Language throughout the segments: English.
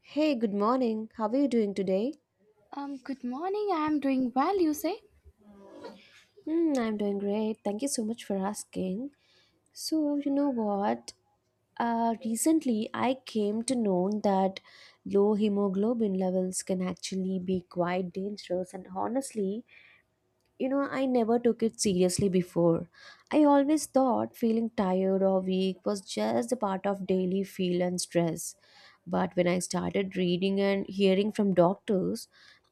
Hey, good morning. How are you doing today? Good morning. I am doing well, you say? Hmm, I'm doing great. Thank you so much for asking. So, you know what? Recently, I came to know that low hemoglobin levels can actually be quite dangerous. And honestly, I never took it seriously before. I always thought feeling tired or weak was just a part of daily feel and stress. But when I started reading and hearing from doctors,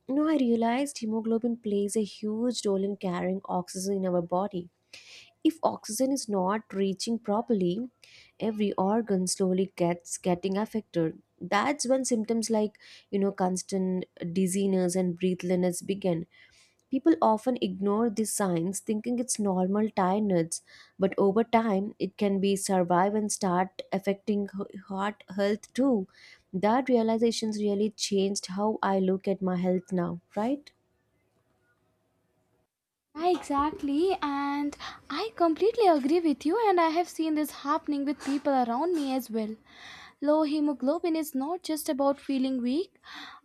No, I realized hemoglobin plays a huge role in carrying oxygen in our body. If oxygen is not reaching properly, every organ slowly gets getting affected. That's when symptoms like constant dizziness and breathlessness begin. People often ignore these signs, thinking it's normal tiredness, but over time it can be survive and start affecting heart health too. That realizations really changed how I look at my health now, right? I exactly, and I completely agree with you, and I have seen this happening with people around me as well. Low hemoglobin is not just about feeling weak,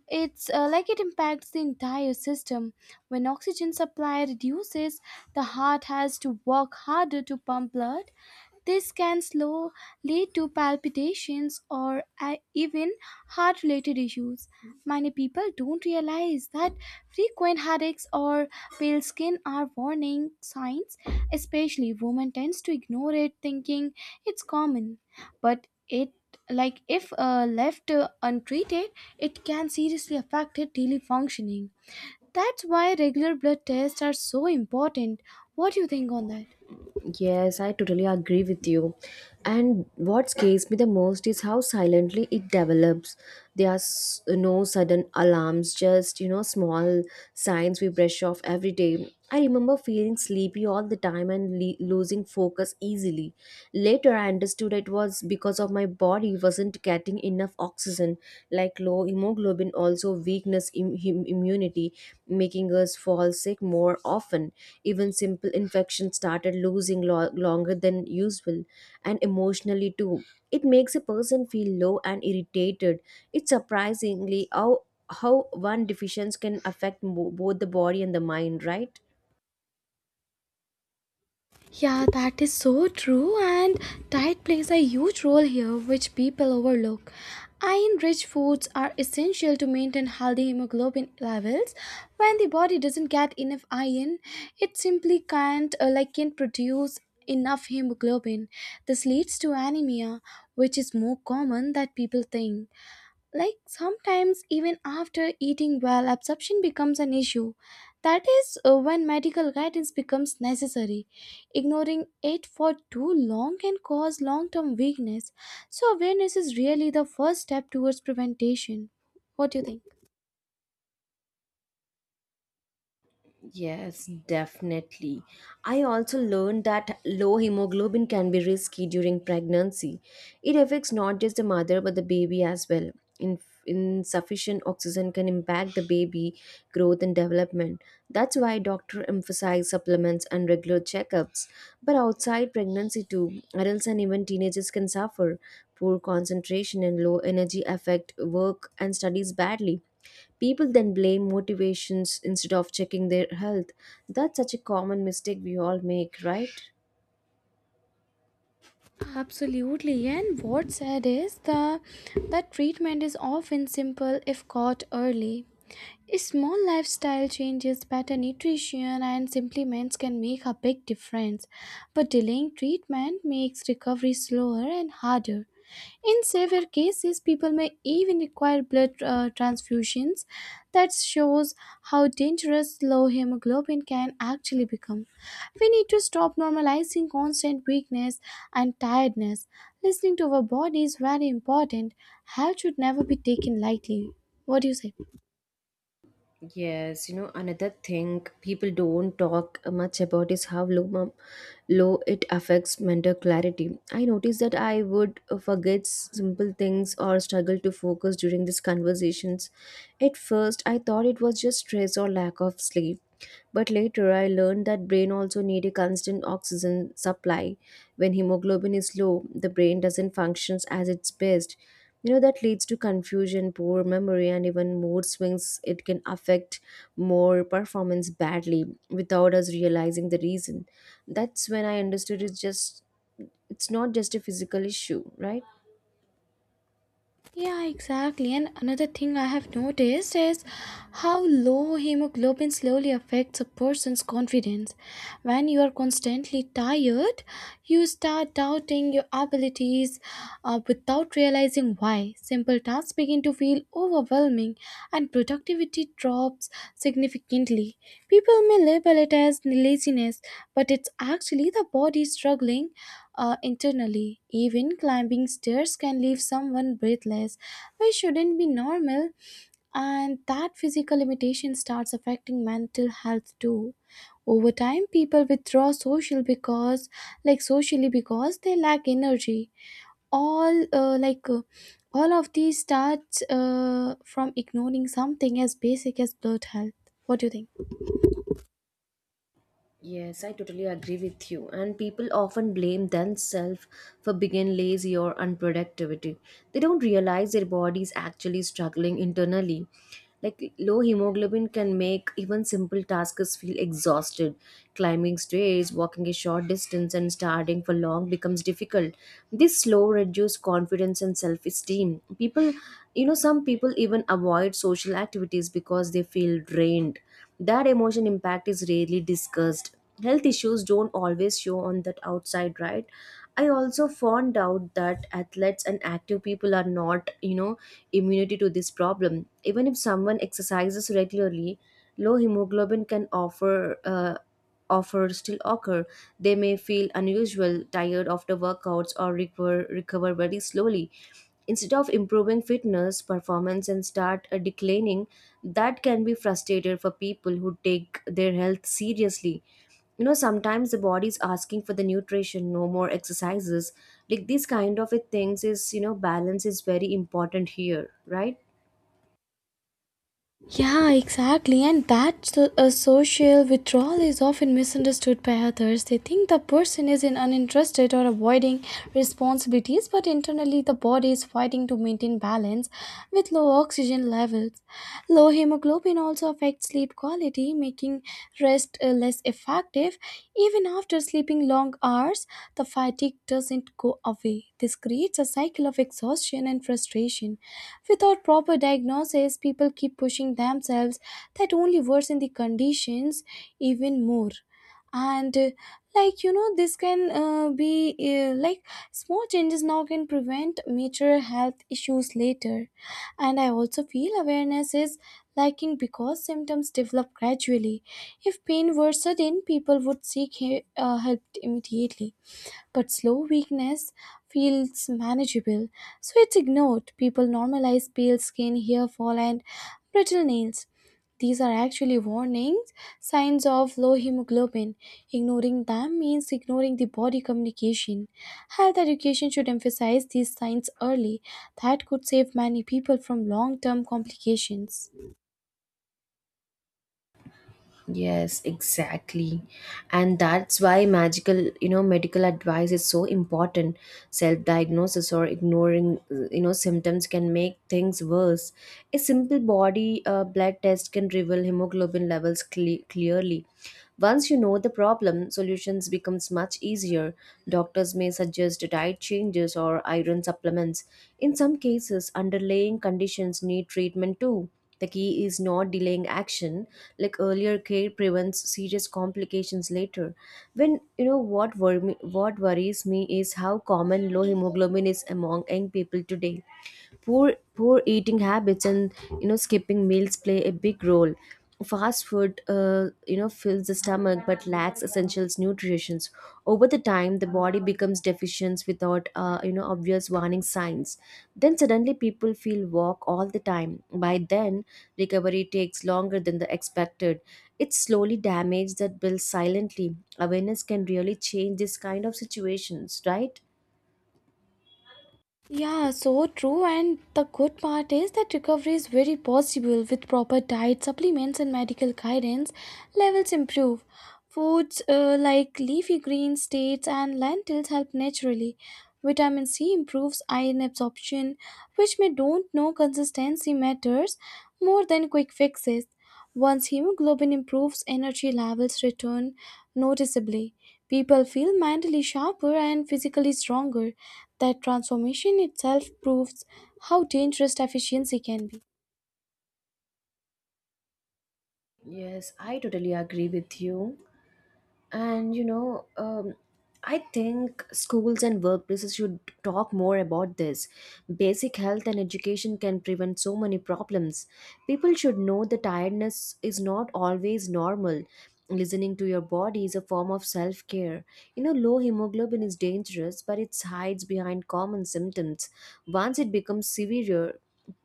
it's like it impacts the entire system. When oxygen supply reduces, the heart has to work harder to pump blood. This can slow lead to palpitations or even heart related issues. Many people don't realize that frequent headaches or pale skin are warning signs, especially women tends to ignore it thinking it's common. But it like if left untreated, it can seriously affect her daily functioning. That's why regular blood tests are so important. What do you think on that? Yes, I totally agree with you. And what scares me the most is how silently it develops. There are no sudden alarms, just, small signs we brush off every day. I remember feeling sleepy all the time and losing focus easily. Later, I understood it was because of my body wasn't getting enough oxygen medicine like low hemoglobin also weakness immunity making us fall sick more often, even simple infections started losing longer than usual. And emotionally too, it makes a person feel low and irritated. It's surprisingly how one deficiency can affect both the body and the mind, right? Yeah, that is so true, and diet plays a huge role here, which people overlook. Iron rich foods are essential to maintain healthy hemoglobin levels. When the body doesn't get enough iron, it simply can't like can't produce enough hemoglobin. This leads to anemia, which is more common than people think. Like sometimes, even after eating well, absorption becomes an issue. That is when medical guidance becomes necessary. Ignoring it for too long can cause long term weakness. So, awareness is really the first step towards prevention. What do you think? Yes, definitely. I also learned that low hemoglobin can be risky during pregnancy. It affects not just the mother but the baby as well. In, Insufficient oxygen can impact the baby growth and development. That's why doctor emphasize supplements and regular checkups. But outside pregnancy too, adults and even teenagers can suffer. Poor concentration and low energy affect work and studies badly. People then blame motivations instead of checking their health. That's such a common mistake we all make, right? Absolutely, and what's sad is the that treatment is often simple if caught early. Small lifestyle changes, better nutrition, and supplements can make a big difference, but delaying treatment makes recovery slower and harder. In severe cases, people may even require blood transfusions. That shows how dangerous low hemoglobin can actually become. We need to stop normalizing constant weakness and tiredness. Listening to our body is very important. Health should never be taken lightly. What do you say? Yes, another thing people don't talk much about is how low it affects mental clarity. I noticed that I would forget simple things or struggle to focus during these conversations. At first, I thought it was just stress or lack of sleep, but later I learned that brain also need a constant oxygen supply. When hemoglobin is low, the brain doesn't functions as its best. That leads to confusion, poor memory and even mood swings. It can affect more performance badly without us realizing the reason. That's when I understood it's not just a physical issue, right? Yeah, exactly. And another thing I have noticed is how low hemoglobin slowly affects a person's confidence. When you are constantly tired, you start doubting your abilities without realizing why. Simple tasks begin to feel overwhelming and productivity drops significantly. People may label it as laziness, but it's actually the body struggling internally. Even climbing stairs can leave someone breathless, which shouldn't be normal, and that physical limitation starts affecting mental health too. Over time, people withdraw social because, like socially, because they lack energy. All uh, like uh, all of these starts from ignoring something as basic as blood health. What do you think? Yes, I totally agree with you. And people often blame themselves for being lazy or unproductivity. They don't realize their body is actually struggling internally. Like low hemoglobin can make even simple tasks feel exhausted. Climbing stairs, walking a short distance, and starting for long becomes difficult. This slow reduces confidence and self esteem. Some people even avoid social activities because they feel drained. That emotion impact is rarely discussed. Health issues don't always show on that outside, right? I also found out that athletes and active people are not, immunity to this problem. Even if someone exercises regularly, low hemoglobin can offer offer still occur. They may feel unusual tired after workouts or recover very slowly. Instead of improving, fitness performance and start declining. That can be frustrated for people who take their health seriously. Sometimes the body is asking for the nutrition, no more exercises. Like these kind of a things is, balance is very important here, right? Yeah, exactly. And that a social withdrawal is often misunderstood by others. They think the person is in uninterested or avoiding responsibilities, but internally the body is fighting to maintain balance with low oxygen levels. Low hemoglobin also affects sleep quality, making rest less effective. Even after sleeping long hours, the fatigue doesn't go away. This creates a cycle of exhaustion and frustration. Without proper diagnosis, people keep pushing themselves that only worsen the conditions even more. And like you know, this can be like Small changes now can prevent major health issues later. And I also feel awareness is lacking because symptoms develop gradually. If pain were sudden, people would seek help immediately. But slow weakness feels manageable, so it's ignored. People normalize pale skin, hair fall, and brittle nails. These are actually warnings, signs of low hemoglobin. Ignoring them means ignoring the body communication. Health education should emphasize these signs early. That could save many people from long term complications. Yes, exactly. And that's why magical, medical advice is so important. Self-diagnosis or ignoring, symptoms can make things worse. A simple body blood test can reveal hemoglobin levels clearly. Once you know the problem, solutions becomes much easier. Doctors may suggest diet changes or iron supplements. In some cases, underlying conditions need treatment too. The key is not delaying action. Like earlier care prevents serious complications later. When you know what worries me is how common low hemoglobin is among young people today. Poor eating habits and, skipping meals play a big role. Fast food, fills the stomach but lacks essentials nutritions. Over the time, the body becomes deficient without, obvious warning signs. Then suddenly people feel walk all the time. By then, recovery takes longer than the expected. It's slowly damage that builds silently. Awareness can really change this kind of situations, right? Yeah, so true. And the good part is that recovery is very possible with proper diet, supplements, and medical guidance. Levels improve. Foods like leafy greens, dates, and lentils help naturally. Vitamin C improves iron absorption, which may don't know consistency matters more than quick fixes. Once hemoglobin improves, energy levels return noticeably. People feel mentally sharper and physically stronger. That transformation itself proves how dangerous deficiency can be. Yes, I totally agree with you. And I think schools and workplaces should talk more about this. Basic health and education can prevent so many problems. People should know that tiredness is not always normal. Listening to your body is a form of self-care. Low hemoglobin is dangerous, but it hides behind common symptoms. Once it becomes severe,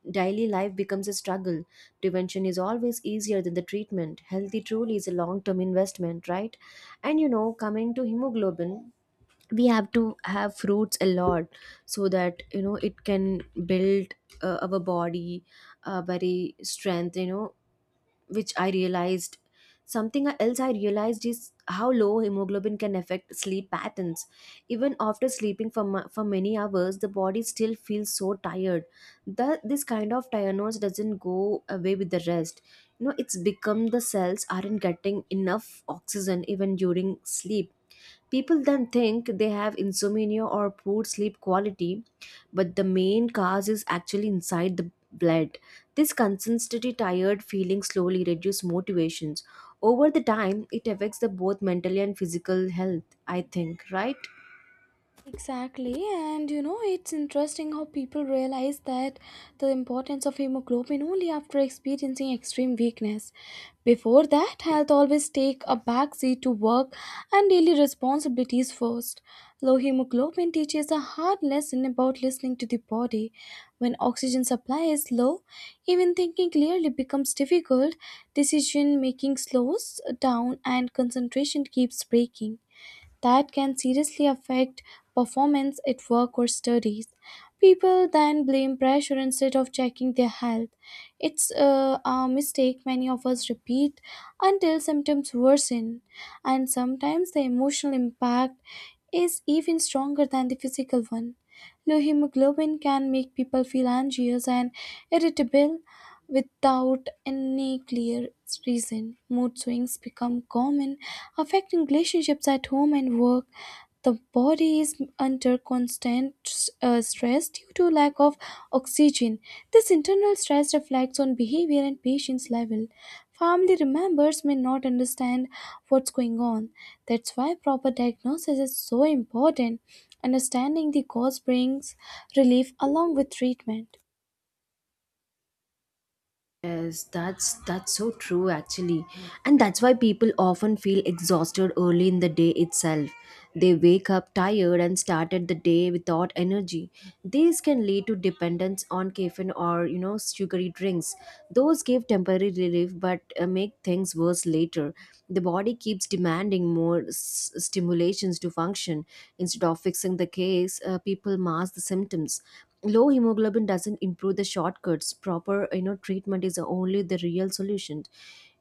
daily life becomes a struggle. Prevention is always easier than the treatment. Healthy truly is a long-term investment, right? And, coming to hemoglobin, we have to have fruits a lot so that, it can build our body very strength, which I realized. Something else I realized is how low hemoglobin can affect sleep patterns. Even after sleeping for many hours, the body still feels so tired. This kind of tiredness doesn't go away with the rest. It's become the cells aren't getting enough oxygen even during sleep. People then think they have insomnia or poor sleep quality, but the main cause is actually inside the blood. This constantly tired feeling slowly reduces motivations. Over the time, it affects the both mental and physical health, I think, right? Exactly, and you know, it's interesting how people realize that the importance of hemoglobin only after experiencing extreme weakness. Before that, health always take a backseat to work and daily responsibilities first. Low hemoglobin teaches a hard lesson about listening to the body. When oxygen supply is low, even thinking clearly becomes difficult, decision making slows down, and concentration keeps breaking that can seriously affect performance at work or studies. People then blame pressure instead of checking their health. It's a mistake many of us repeat until symptoms worsen, and sometimes the emotional impact is even stronger than the physical one. Low hemoglobin can make people feel anxious and irritable, without any clear reason, mood swings become common, affecting relationships at home and work. The body is under constant stress due to lack of oxygen. This internal stress reflects on behavior and patient's level. Family members may not understand what's going on. That's why proper diagnosis is so important. Understanding the cause brings relief along with treatment. Yes, that's so true actually. And that's why people often feel exhausted early in the day itself. They wake up tired and started the day without energy. These can lead to dependence on caffeine or, sugary drinks. Those give temporary relief but make things worse later. The body keeps demanding more stimulations to function. Instead of fixing the case, people mask the symptoms. Low hemoglobin doesn't improve the shortcuts. Proper, treatment is only the real solution.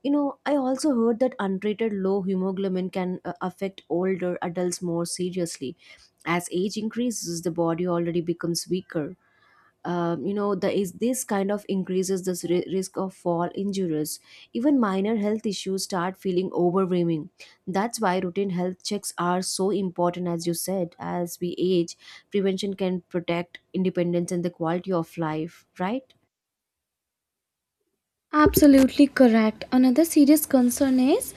I also heard that untreated low hemoglobin can affect older adults more seriously. As age increases, the body already becomes weaker. The is this kind of increases this risk of fall injuries. Even minor health issues start feeling overwhelming. That's why routine health checks are so important, as you said. As we age, prevention can protect independence and the quality of life, right? Absolutely correct. Another serious concern is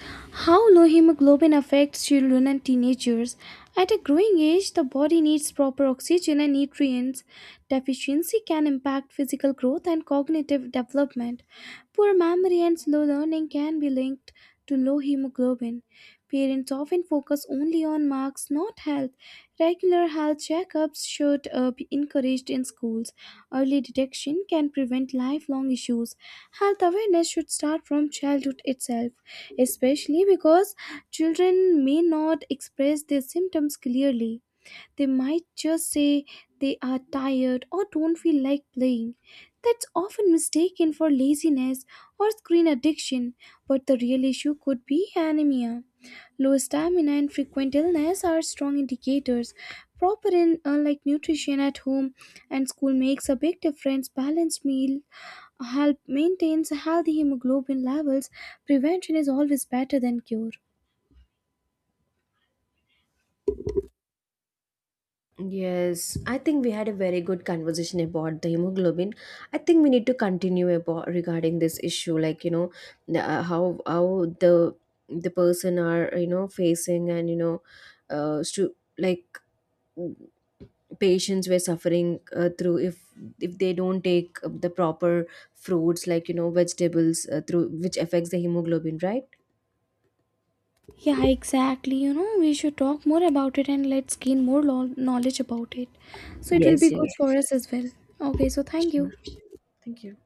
how low hemoglobin affects children and teenagers. At a growing age, the body needs proper oxygen and nutrients. Deficiency can impact physical growth and cognitive development. Poor memory and slow learning can be linked to low hemoglobin. Parents often focus only on marks, not health. Regular health checkups should be encouraged in schools. Early detection can prevent lifelong issues. Health awareness should start from childhood itself, especially because children may not express their symptoms clearly. They might just say they are tired or don't feel like playing. That's often mistaken for laziness or screen addiction, but the real issue could be anemia. Low stamina and frequent illness are strong indicators. Proper and like nutrition at home and school makes a big difference. Balanced meal help maintains healthy hemoglobin levels. Prevention is always better than cure. Yes, I think we had a very good conversation about the hemoglobin. I think we need to continue about regarding this issue, like, how the person are, facing, and, like patients were suffering through, if they don't take the proper fruits, like, vegetables, through which affects the hemoglobin, right? Yeah, exactly. You know, we should talk more about it and let's gain more knowledge about it. So it will be Yes, good yes, for Yes. us as well. Okay, so thank sure, you. thank you.